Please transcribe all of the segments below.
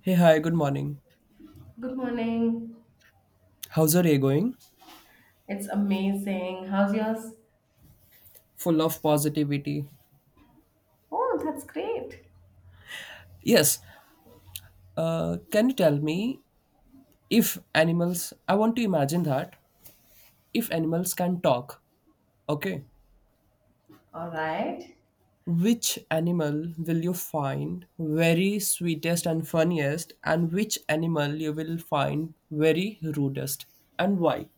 Hey, hi, good morning. Good morning. How's your day going? It's amazing. How's yours? Full of positivity. Oh, that's great. Yes, can you tell me if animals, I want to imagine that if animals can talk, okay, All right. which animal will you find very sweetest and funniest, and which animal you will find very rudest, and why?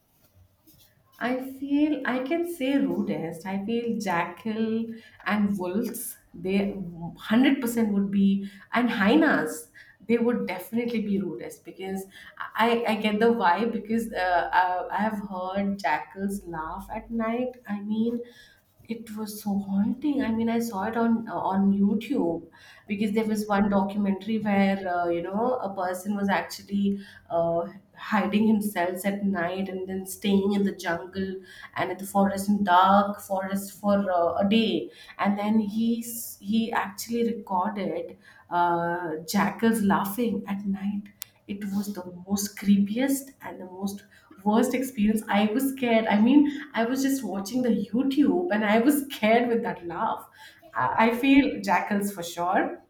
I feel I can say rudest. I feel jackal and wolves, they 100% would be, and hyenas, they would definitely be rudest because I get the vibe because I have heard jackals laugh at night. I mean, it was so haunting. I mean, I saw it on YouTube because there was one documentary where you know, a person was actually uh, hiding himself at night and then staying in the jungle and in the forest, in dark forest, for a day, and then he actually recorded uh, jackals laughing at night. It was the most creepiest and the most worst experience. I was scared. I mean, I was just watching the YouTube and I was scared with that laugh. I feel jackals for sure,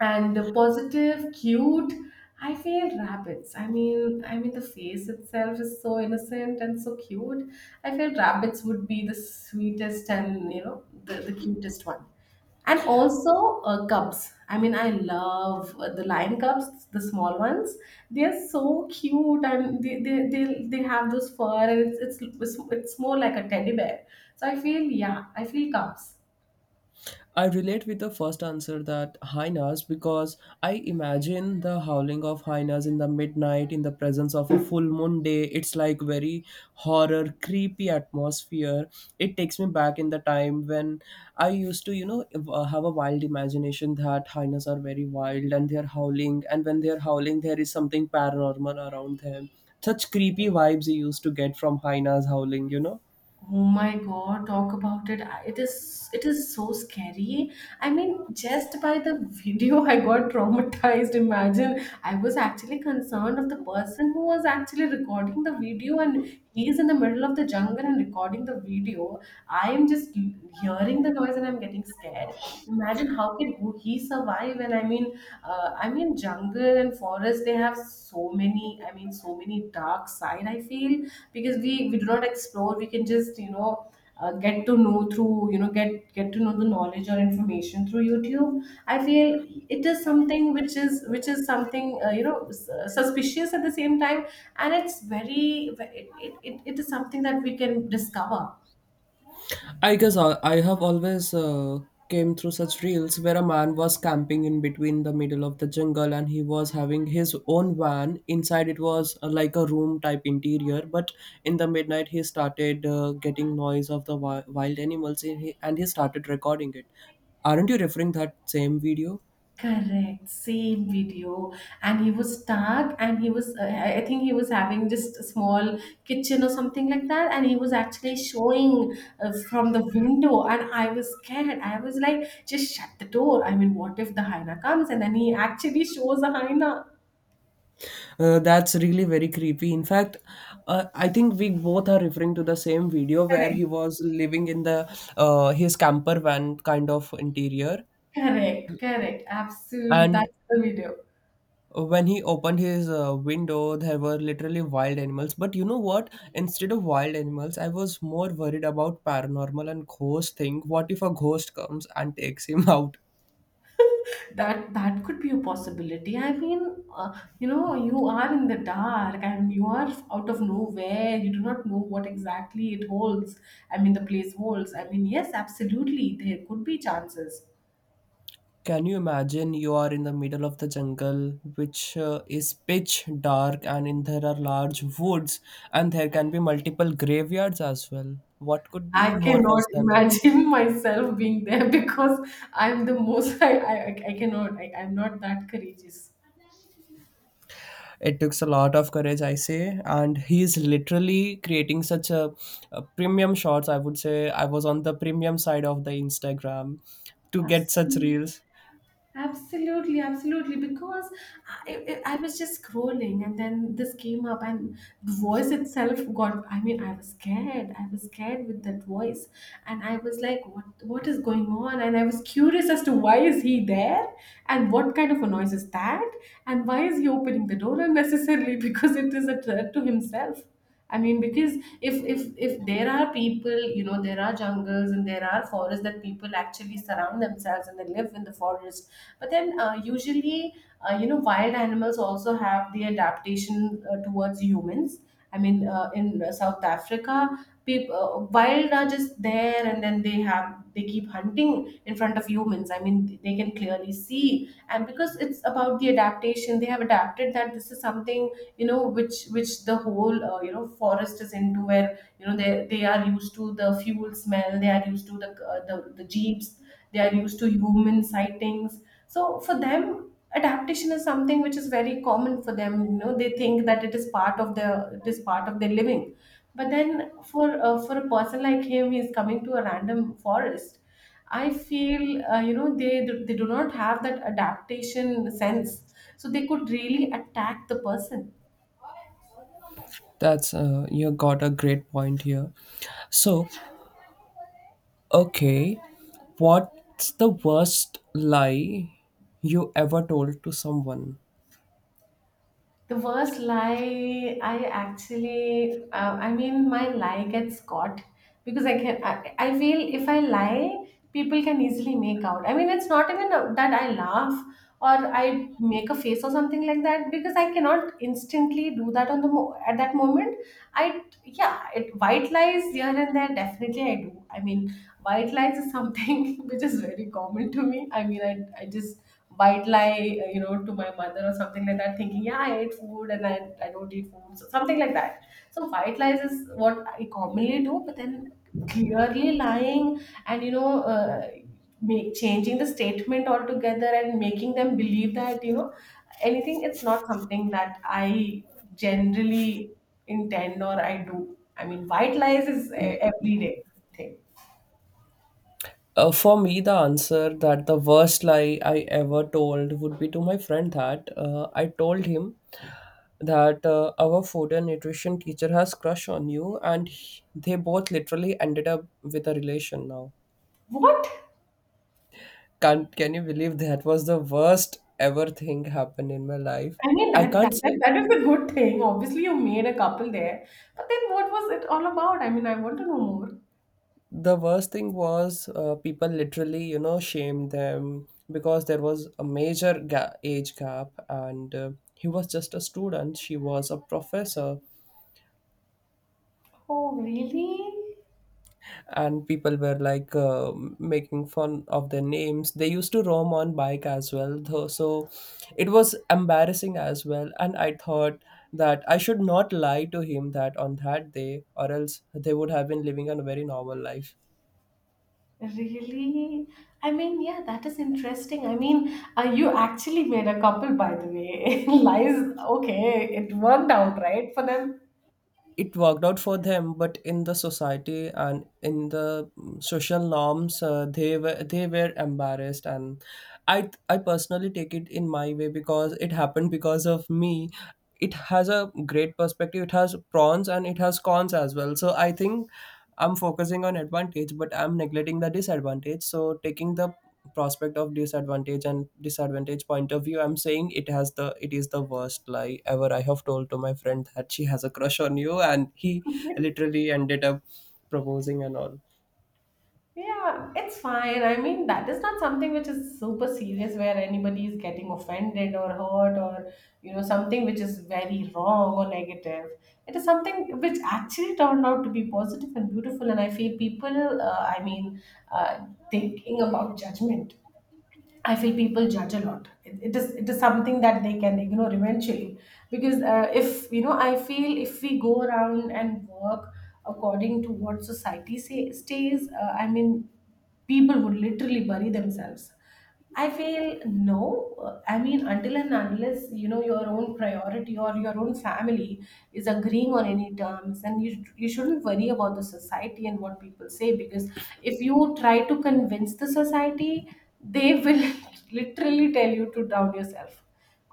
and the positive cute, I feel rabbits. I mean, I mean the face itself is so innocent and so cute. I feel rabbits would be the sweetest and you know, the cutest one. And also cubs. I mean, I love the lion cubs, the small ones. They are so cute, and they have those fur, and it's more like a teddy bear. So I feel, yeah, I feel cubs. I relate with the first answer that hyenas because I imagine the howling of hyenas in the midnight in the presence of a full moon day. It's like very horror, creepy atmosphere. It takes me back in the time when I used to, you know, have a wild imagination that hyenas are very wild and they're howling, and when they're howling, there is something paranormal around them. Such creepy vibes you used to get from hyenas howling, you know. Oh my God, talk about it. It is, it is so scary. I mean, just by the video I got traumatized. Imagine, I was actually concerned of the person who was actually recording the video, and he is in the middle of the jungle and recording the video. I am just hearing the noise and I'm getting scared. Imagine how can he survive? And I mean jungle and forest, they have so many, I mean, so many dark side, I feel, because we do not explore. We can just, you know, get to know through, you know, get to know the knowledge or information through YouTube. I feel it is something which is, which is something you know, suspicious at the same time. And it's very, it it is something that we can discover. I guess I have always came through such reels where a man was camping in between the middle of the jungle and he was having his own van. Inside it was like a room type interior, but in the midnight he started getting noise of the wild animals and he started recording it. Aren't you referring that same video? Correct, same video. And he was stuck, and he was, I think he was having just a small kitchen or something like that. And he was actually showing from the window. And I was scared. I was like, just shut the door. I mean, what if the hyena comes? And then he actually shows a hyena. That's really very creepy. In fact, I think we both are referring to the same video where Correct, he was living in the his camper van kind of interior, correct, correct. Absolutely. and That's the video. when he opened his window, there were literally wild animals. But you know what, instead of wild animals, I was more worried about paranormal and ghost thing. What if a ghost comes and takes him out? That that could be a possibility. I mean, uh, you know, you are in the dark and you are out of nowhere. You do not know what exactly it holds. I mean, the place holds. I mean, yes, absolutely, there could be chances. Can you imagine you are in the middle of the jungle, which is pitch dark, and in there are large woods, and there can be multiple graveyards as well? What could be I more cannot worse than that? imagine myself being there because I'm the most I cannot. I'm not that courageous. It takes a lot of courage, I say, and he's literally creating such a premium shots. I would say I was on the premium side of the Instagram to get such Absolutely. reels. Absolutely, absolutely. Because I was just scrolling and then this came up, and the voice itself got. I mean, I was scared. I was scared with that voice, and I was like, "What? What is going on?" And I was curious as to why is he there, and what kind of a noise is that, and why is he opening the door unnecessarily because it is a threat to himself. I mean, because if there are people, you know, there are jungles and there are forests that people actually surround themselves and they live in the forest. But then, usually, you know, wild animals also have the adaptation towards humans. I mean, in South Africa, people wild are just there, and then they have, they keep hunting in front of humans. I mean, they can clearly see, and because it's about the adaptation, they have adapted that this is something, you know, which the whole you know, forest is into, where you know they are used to the fuel smell, they are used to the the jeeps, they are used to human sightings. So for them, adaptation is something which is very common for them. You know, they think that it is part of their, it is part of their living. But then for a person like him, he's coming to a random forest. I feel you know, they do not have that adaptation sense, so they could really attack the person. That's you got a great point here. So, okay, what's the worst lie you ever told to someone? The worst lie I actually, I mean, my lie gets caught because I can. I feel if I lie, people can easily make out. I mean, it's not even that I laugh or I make a face or something like that because I cannot instantly do that on the at that moment. I, yeah, it, white lies here and there, definitely I do. I mean, white lies is something which is very common to me. I mean, I just white lie, you know, to my mother or something like that, thinking, yeah, I ate food and I don't eat food, so something like that. So white lies is what I commonly do, but then clearly lying and, you know, make, changing the statement altogether and making them believe that, you know, anything, it's not something that I generally intend or I do. I mean, white lies is everyday thing. For me, the answer that the worst lie I ever told would be to my friend that I told him that our food and nutrition teacher has crush on you, and they both literally ended up with a relation now. What? Can you believe that was the worst ever thing happened in my life? I mean I that that can't that, say. that is the good thing. Obviously, you made a couple there, but then what was it all about? I mean, I want to know more. The worst thing was, people literally, you know, shamed them because there was a major age gap, and he was just a student, she was a professor, Oh, really? and people were like, making fun of their names. They used to roam on bike as well though, so it was embarrassing as well. And I thought that I should not lie to him that on that day, or else they would have been living a very normal life. Really? I mean, yeah, that is interesting. I mean, you actually made a couple, by the way. Lies, okay, it worked out, right, for them. It worked out for them, but in the society and in the social norms, they were embarrassed and I personally take it in my way because it happened because of me. It has a great perspective, it has pros and it has cons as well. So I think I'm focusing on advantage but I'm neglecting the disadvantage. So taking the prospect of disadvantage and disadvantage point of view, I'm saying it has the it is the worst lie ever I have told to my friend that she has a crush on you, and he literally ended up proposing and all. Yeah, it's fine. I mean, that is not something which is super serious where anybody is getting offended or hurt or, you know, something which is very wrong or negative. It is something which actually turned out to be positive and beautiful. And I feel people, I mean, thinking about judgment. I feel people judge a lot. It, it is something that they can ignore eventually because if you know, I feel if we go around and work according to what society say, stays, I mean, people would literally bury themselves. I feel no. I mean, until and unless you know your own priority or your own family is agreeing on any terms, and you shouldn't worry about the society and what people say, because if you try to convince the society, they will literally tell you to drown yourself,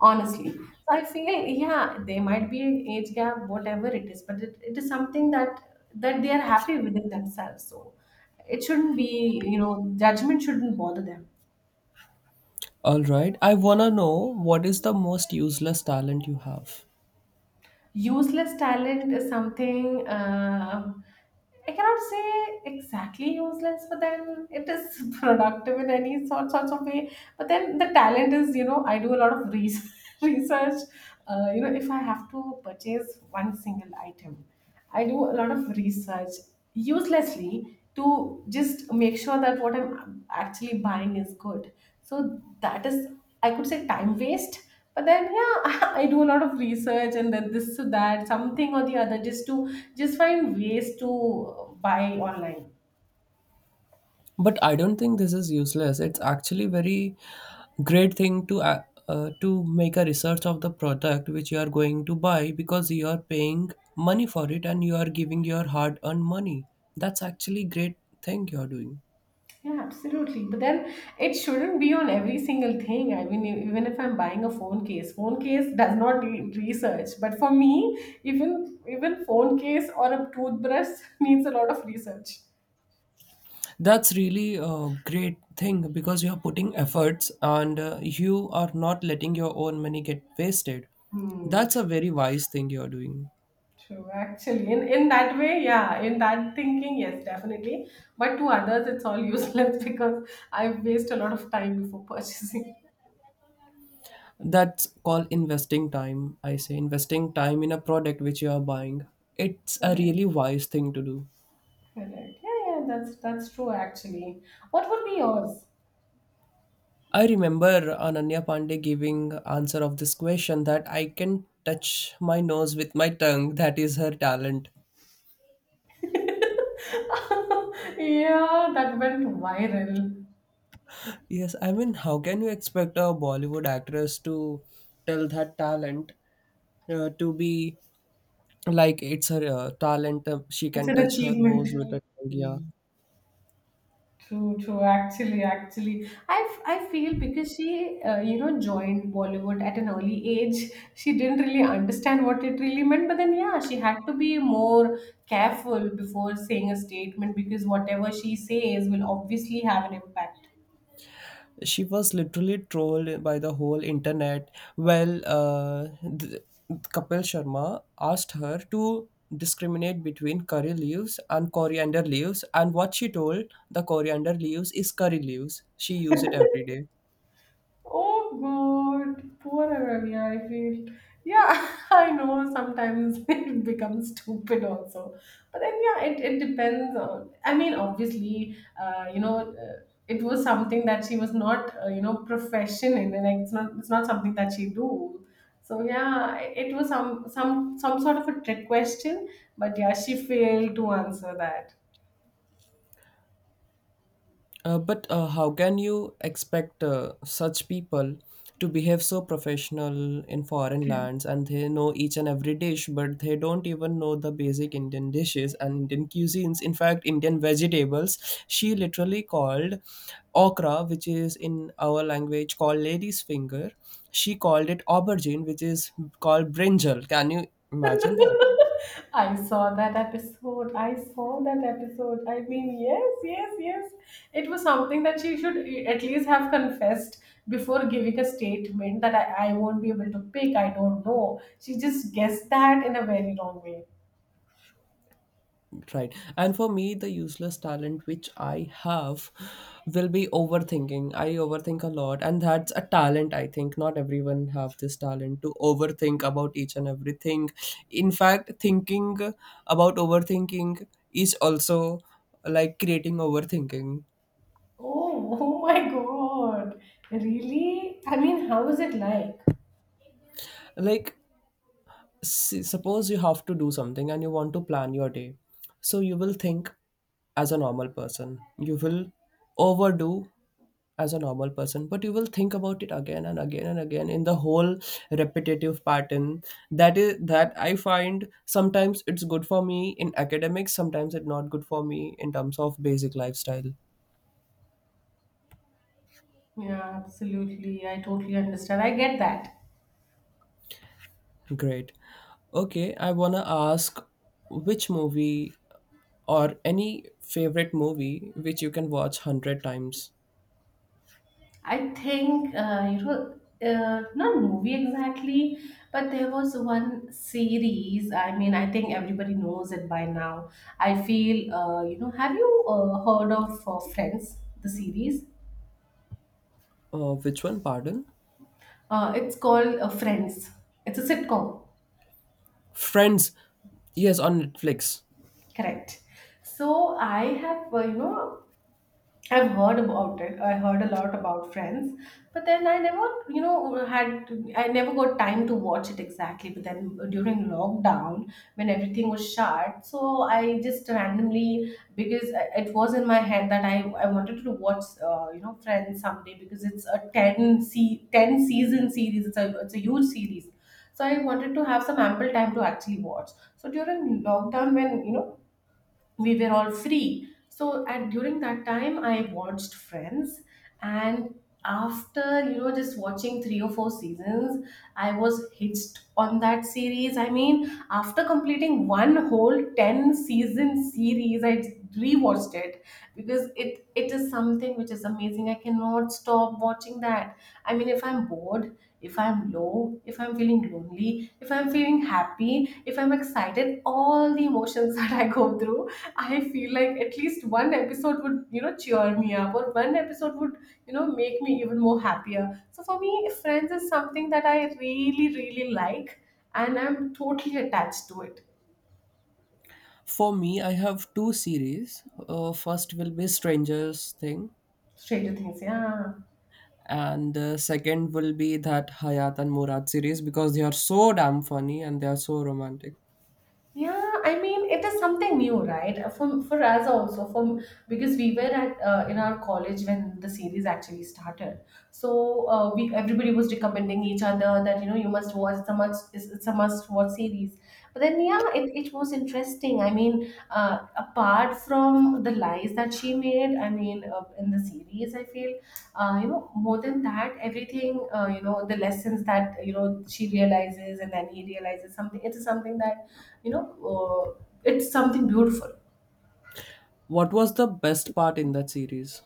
honestly. So I feel yeah, they might be an age gap, whatever it is, but it is something that that they are happy within themselves, so it shouldn't be, you know, judgment shouldn't bother them. All right, I wanna know, what is the most useless talent you have? Useless talent is something, um, I cannot say exactly useless, but then it is productive in any sorts of way. But then the talent is, you know, I do a lot of research. Research. You know, if I have to purchase one single item, I do a lot of research uselessly, to just make sure that what I'm actually buying is good. So that is, I could say, time waste. But then, yeah, I do a lot of research and then this to that, something or the other, just to just find ways to buy online. But I don't think this is useless. It's actually very great thing to make a research of the product which you are going to buy because you are paying money for it and you are giving your hard earned money. That's actually great thing you are doing. Yeah, absolutely. But then it shouldn't be on every single thing. I mean, even if I'm buying a phone case does not need research. But for me, even phone case or a toothbrush needs a lot of research. That's really a great thing because you are putting efforts and you are not letting your own money get wasted. Hmm. That's a very wise thing you are doing. True, actually, in that way, yeah, in that thinking, yes, definitely. But to others, it's all useless because I waste a lot of time before purchasing. That's called investing time. I say investing time in a product which you are buying. It's a Correct, really wise thing to do. correct. Yeah, yeah, that's true actually. What would be yours? I remember Ananya Pandey giving answer of this question that I can touch my nose with my tongue. That is her talent. Yeah, that went viral. Yes, I mean, how can you expect a Bollywood actress to tell that talent to be like it's her talent? She It's can an touch her achievement. nose with her tongue. Yeah, True, true. Actually, actually, I feel because she, you know, joined Bollywood at an early age, she didn't really understand what it really meant. But then, yeah, she had to be more careful before saying a statement because whatever she says will obviously have an impact. she was literally trolled by the whole internet. Well, th- Kapil Sharma asked her to discriminate between curry leaves and coriander leaves, and what she told, the coriander leaves is curry leaves. She use it every day. Oh God, poor Aravia, I feel. Yeah, I know sometimes it becomes stupid also. But then, yeah, it depends on. I mean, obviously, you know, it was something that she was not, you know, profession in. And, like, it's not something that she do. So yeah, it was some sort of a trick question. But yeah, she failed to answer that. But how can you expect such people to behave so professional in foreign lands and they know each and every dish, but they don't even know the basic Indian dishes and Indian cuisines? In fact, Indian vegetables, she literally called okra, which is in our language called lady's finger, she called it aubergine, which is called brinjal. Can you imagine that? I saw that episode. I saw that episode. I mean, yes, yes, yes. It was something that she should at least have confessed before giving a statement that I won't be able to pick. I don't know. She just guessed that in a very wrong way. Right. And for me, the useless talent which I have will be overthinking. I overthink a lot, and that's a talent, I think. Not everyone have this talent to overthink about each and everything. In fact, thinking about overthinking is also like creating overthinking. Oh, oh my God. Really? I mean, how is it like? Like, suppose you have to do something and you want to plan your day. So you will think as a normal person. You will overdo as a normal person, but you will think about it again and again and again in the whole repetitive pattern. That I find sometimes it's good for me in academics, sometimes it's not good for me in terms of basic lifestyle. Yeah, absolutely. I totally understand. I get that. Great. Okay, I want to ask, which movie or any favorite movie which you can watch 100 times? I think, not movie exactly, but there was one series. I mean, I think everybody knows it by now. I feel. Have you heard of Friends? The series. Which one, pardon? It's called Friends. It's a sitcom. Friends, yes, on Netflix. Correct. So I have you know I've heard about it. I heard a lot about Friends, but then I never, you know, had I never got time to watch it exactly. But then during lockdown, when everything was shut, so I just randomly, because it was in my head that I wanted to watch, Friends someday, because it's a 10 season series. It's a huge series. So I wanted to have some ample time to actually watch. So during lockdown, when we were all free, so at during that time I watched Friends. And after just watching three or four seasons, I was hitched on that series. I mean, after completing one whole 10 season series, I rewatched it, because it is something which is amazing. I cannot stop watching that. I mean, if I'm bored, if I'm low, if I'm feeling lonely, if I'm feeling happy, if I'm excited, all the emotions that I go through, I feel like at least one episode would, cheer me up, or one episode would, make me even more happier. So for me, Friends is something that I really, really like, and I'm totally attached to it. For me, I have two series. First will be Strangers thing, Stranger Things, yeah. and second will be that Hayat and Murad series because they are so damn funny and they are so romantic. Yeah, I mean, it is something new, right? For us also, for because we were at in our college when the series actually started. So we everybody was recommending each other that you must watch. It's a must. It's a must watch series. But then, yeah, it was interesting. I mean, apart from the lies that she made, I mean, in the series, I feel more than that, everything, the lessons that she realizes, and then he realizes something. It is something that you know it's something beautiful. What was the best part in that series?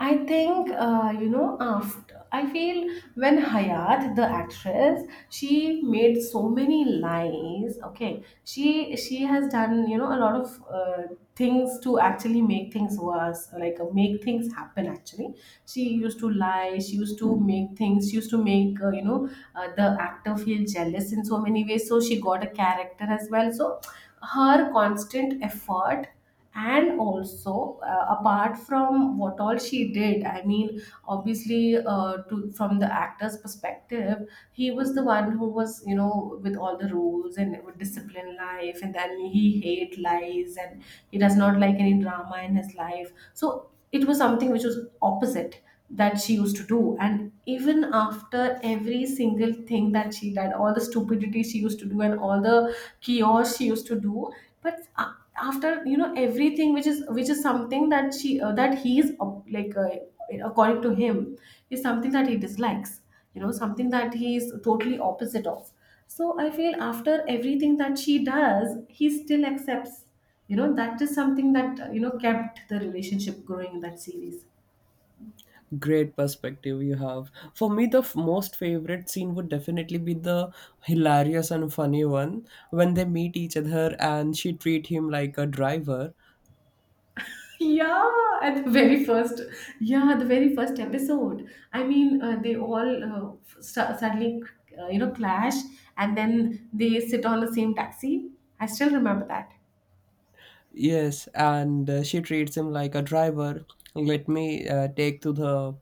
I think, after, I feel, when Hayat, the actress, she made so many lies. Okay, she has done, a lot of things to actually make things worse, like make things happen. Actually, she used to lie. She used to make things. She used to make the actor feel jealous in so many ways. So she got a character as well. So her constant effort, and also apart from what all she did, I mean, obviously, to from the actor's perspective, he was the one who was, with all the rules and with discipline life, and then he hate lies, and he does not like any drama in his life. So it was something which was opposite that she used to do. And even after every single thing that she did, all the stupidity she used to do, and all the chaos she used to do, but a- after, everything which is something that she that he is, according to him, is something that he dislikes, something that he is totally opposite of. So I feel after everything that she does, he still accepts, that is something that kept the relationship growing in that series. Great perspective you have. For me, the most favorite scene would definitely be the hilarious and funny one when they meet each other and she treat him like a driver. Yeah, at the very first, yeah, the very first episode. I mean, they all suddenly, clash, and then they sit on the same taxi. I still remember that. Yes, and she treats him like a driver. Let me take to the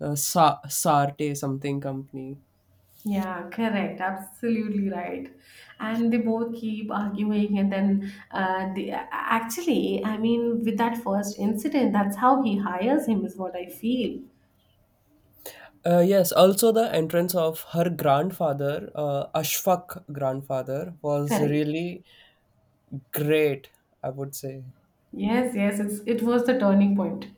Sarte something company. Yeah, correct, absolutely right. And they both keep arguing, and then actually, I mean, with that first incident, that's how he hires him, is what I feel. Yes, also the entrance of her grandfather, Ashfaq grandfather, was Correct. really great, I would say. Yes, yes, it was the turning point.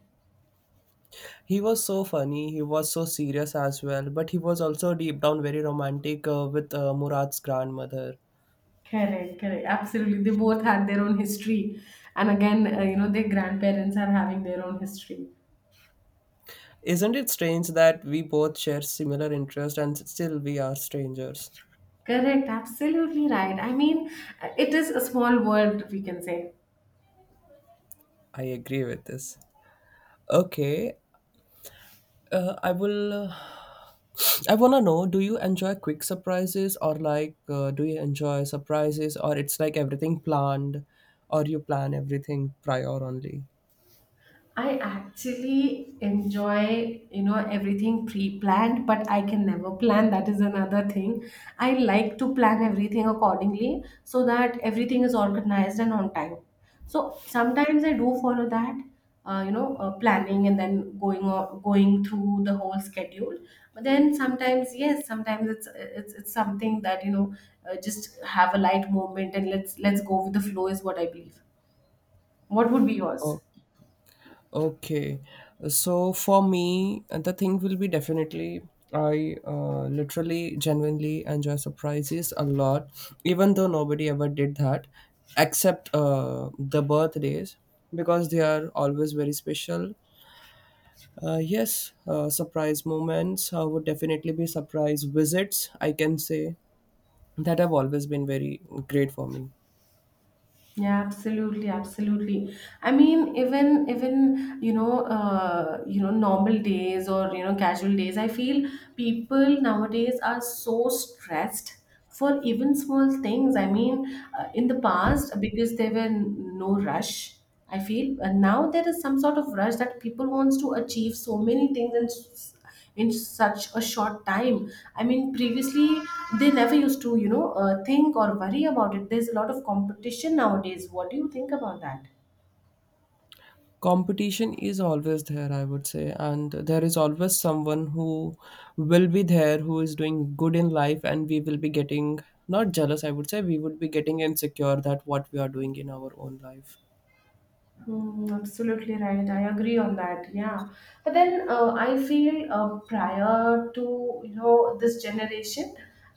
He was so funny, he was so serious as well, but he was also deep down very romantic with Murad's grandmother. Correct, correct. Absolutely. They both had their own history. And again, their grandparents are having their own history. Isn't it strange that we both share similar interest and still we are strangers? Correct. Absolutely right. I mean, it is a small world, we can say. I agree with this. Okay, uh, I will I want to know, do you enjoy quick surprises, or do you enjoy surprises, or it's like everything planned or you plan everything prior only? I actually enjoy, everything pre-planned, but I can never plan. That is another thing. I like to plan everything accordingly, so that everything is organized and on time. So sometimes I do follow that, planning, and then going through the whole schedule. But then sometimes, yes, sometimes it's something that, just have a light moment, and let's go with the flow, is what I believe. What would be yours? Oh, okay. So for me, the thing will be definitely I literally genuinely enjoy surprises a lot, even though nobody ever did that except the birthdays because they are always very special. Yes, Surprise moments would definitely be surprise visits. I can say that have always been very great for me. Yeah, absolutely, absolutely. I mean, even normal days, or casual days, I feel people nowadays are so stressed for even small things. I mean, in the past, because there were no rush, I feel, and now there is some sort of rush that people wants to achieve so many things, in such a short time. I mean, previously they never used to, think or worry about it. There's a lot of competition nowadays. What do you think about that? Competition is always there, I would say, and there is always someone who will be there who is doing good in life, and we will be getting not jealous, I would say, we would be getting insecure that what we are doing in our own life. Mm, absolutely right. I agree on that. Yeah, but then I feel prior to, this generation,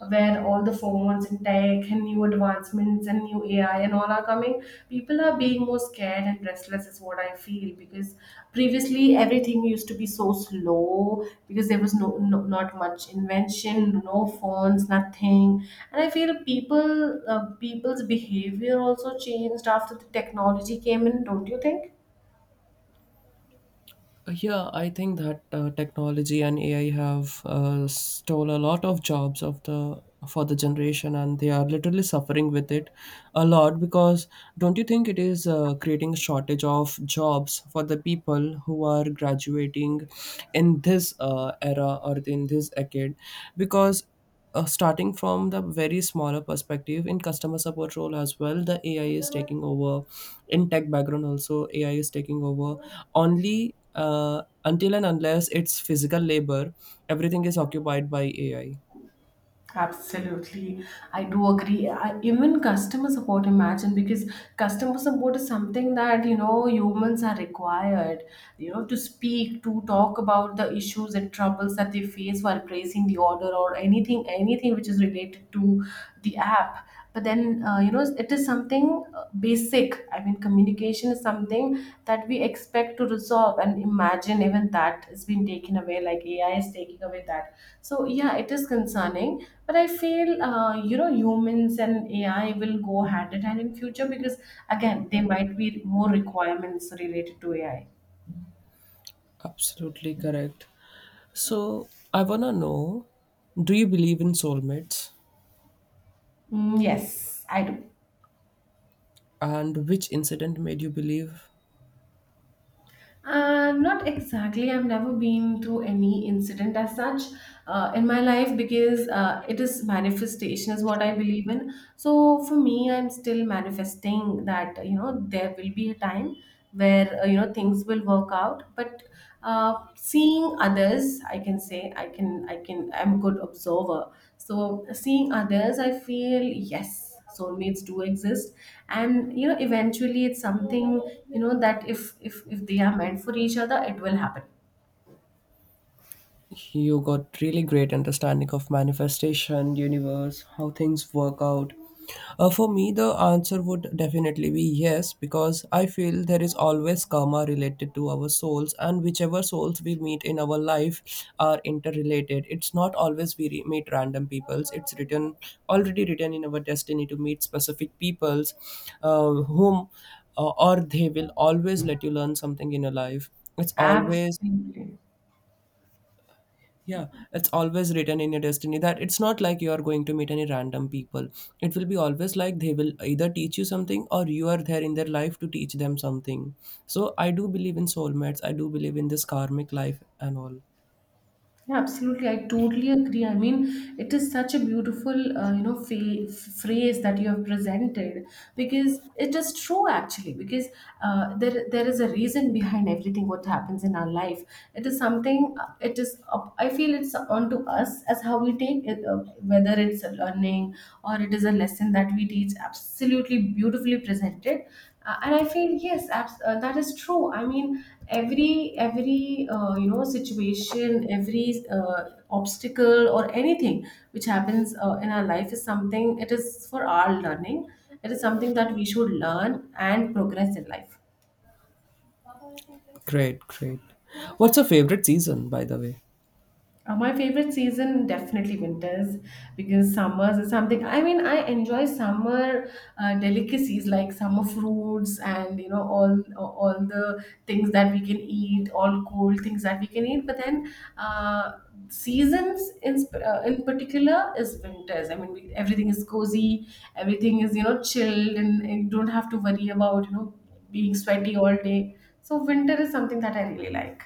where all the phones and tech and new advancements and new AI and all are coming, people are being more scared and restless, speechless is what I feel, because previously everything used to be so slow, because there was not much invention, no phones, nothing. And I feel people's behavior also changed after the technology came in. Don't you think? Yeah, I think that technology and AI have stole a lot of jobs of the for the generation, and they are literally suffering with it a lot. Because don't you think it is creating a shortage of jobs for the people who are graduating in this era or in this decade? Because starting from the very smaller perspective in customer support role as well, the AI is taking over, in tech background also AI is taking over. Only until and unless it's physical labor, everything is occupied by AI. Absolutely. I do agree. Even customer support, imagine, because customer support is something that, humans are required, to speak, to talk about the issues and troubles that they face while placing the order, or anything, anything which is related to the app. But then, it is something basic. I mean, communication is something that we expect to resolve. And imagine even that is being taken away, like AI is taking away that. So yeah, it is concerning, but I feel, humans and AI will go hand in hand in future, because again, there might be more requirements related to AI. Absolutely correct. So I want to know, do you believe in soulmates, Mm, yes, I do. and which incident made you believe? Not exactly. I've never been through any incident as such in my life, because it is manifestation is what I believe in. So for me, I'm still manifesting that, there will be a time where, things will work out. But seeing others, I can say, I'm a good observer. So seeing others, I feel yes, soulmates do exist, and eventually it's something, that if they are meant for each other, it will happen. You got really great understanding of manifestation, universe, how things work out. For me, the answer would definitely be yes because I feel there is always karma related to our souls, and whichever souls we meet in our life are interrelated. It's not always we meet random peoples. It's written, already written in our destiny to meet specific peoples whom or they will always let you learn something in your life. It's always, Absolutely. yeah, it's always written in your destiny that it's not like you are going to meet any random people. It will be always like they will either teach you something or you are there in their life to teach them something. So I do believe in soulmates. I do believe in this karmic life and all. Yeah, absolutely. I totally agree. I mean, it is such a beautiful, phrase that you have presented, because it is true actually. Because there is a reason behind everything what happens in our life. It is something. It is. Up I feel it's on to us as how we take it, whether it's a learning, or it is a lesson that we teach. Absolutely beautifully presented, and I feel yes, that is true. I mean, every situation, every obstacle, or anything which happens in our life is something, it is for our learning. It is something that we should learn and progress in life. Great, great. What's your favorite season, by the way? My favorite season, definitely winters, because summers is something, I mean, I enjoy summer delicacies like summer fruits, and, all the things that we can eat, all cold things that we can eat. But then, seasons in particular is winters. I mean, everything is cozy, everything is, chilled, and you don't have to worry about, being sweaty all day. So winter is something that I really like.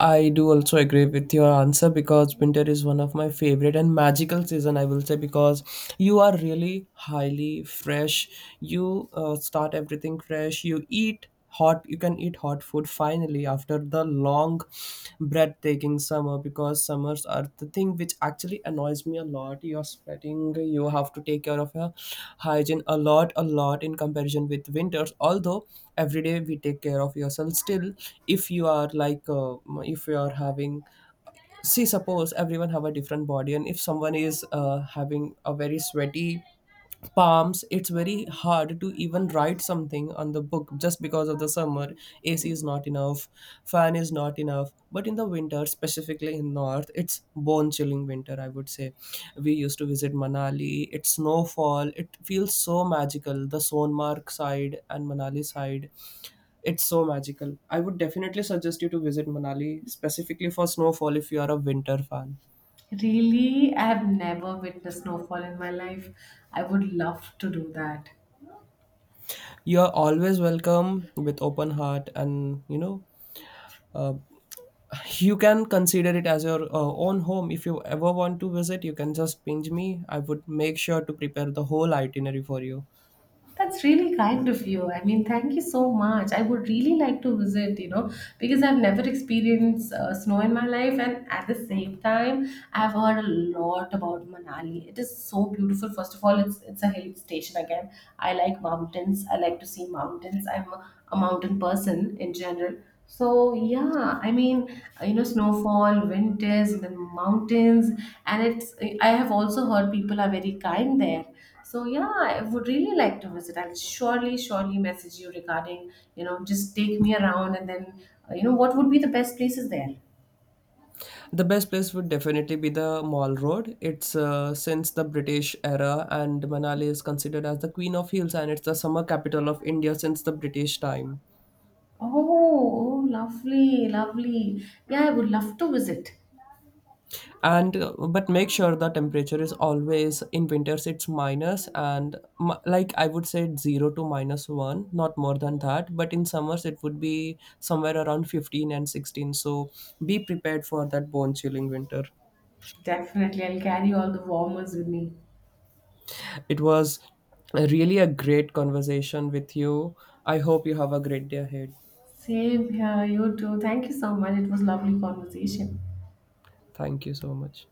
I do also agree with your answer because winter is one of my favorite and magical season, I will say, because you are really highly fresh. You start everything fresh. You eat hot. You can eat hot food finally after the long break at taking summer because summers are the thing which actually annoys me a lot. You're sweating, you have to take care of your hygiene a lot in comparison with winters. Although every day we take care of yourself, still, if you are like, if you are having, see, suppose everyone have a different body, and if someone is having a very sweaty palms, it's very hard to even write something on the book just because of the summer. AC is not enough, fan is not enough. But in the winter, specifically in north, it's bone chilling winter, I would say. We used to visit Manali. It's snowfall, it feels so magical, the Sonmark side and Manali side. It's so magical. I would definitely suggest you to visit Manali specifically for snowfall if you are a winter fan. Really, I have never witnessed snowfall in my life. I would love to do that. You're always welcome with open heart, and you know, uh, you can consider it as your own home. If you ever want to visit, you can just pinch me. I would make sure to prepare the whole itinerary for you. That's really kind of you. I mean, thank you so much. I would really like to visit, because I've never experienced snow in my life. And at the same time, I've heard a lot about Manali. It is so beautiful. First of all, it's a hill station again. I like mountains. I like to see mountains. I'm a mountain person in general. So yeah, I mean, snowfall, winters, and then mountains, and it's. I have also heard people are very kind there. So yeah, I would really like to visit. I'll surely, surely message you regarding, just take me around, and then, what would be the best places there? The best place would definitely be the Mall Road. It's since the British era, and Manali is considered as the Queen of Hills, and it's the summer capital of India since the British time. Oh, oh, lovely, lovely. Yeah, I would love to visit. And but make sure the temperature is always, in winters it's minus and like I would say it's 0 to minus 1, not more than that. But in summers it would be somewhere around 15 and 16, so be prepared for that bone chilling winter. Definitely, I'll carry all the warmers with me. It was a really a great conversation with you. I hope you have a great day ahead. Same here, you too. Thank you so much. It was lovely conversation. Thank you so much.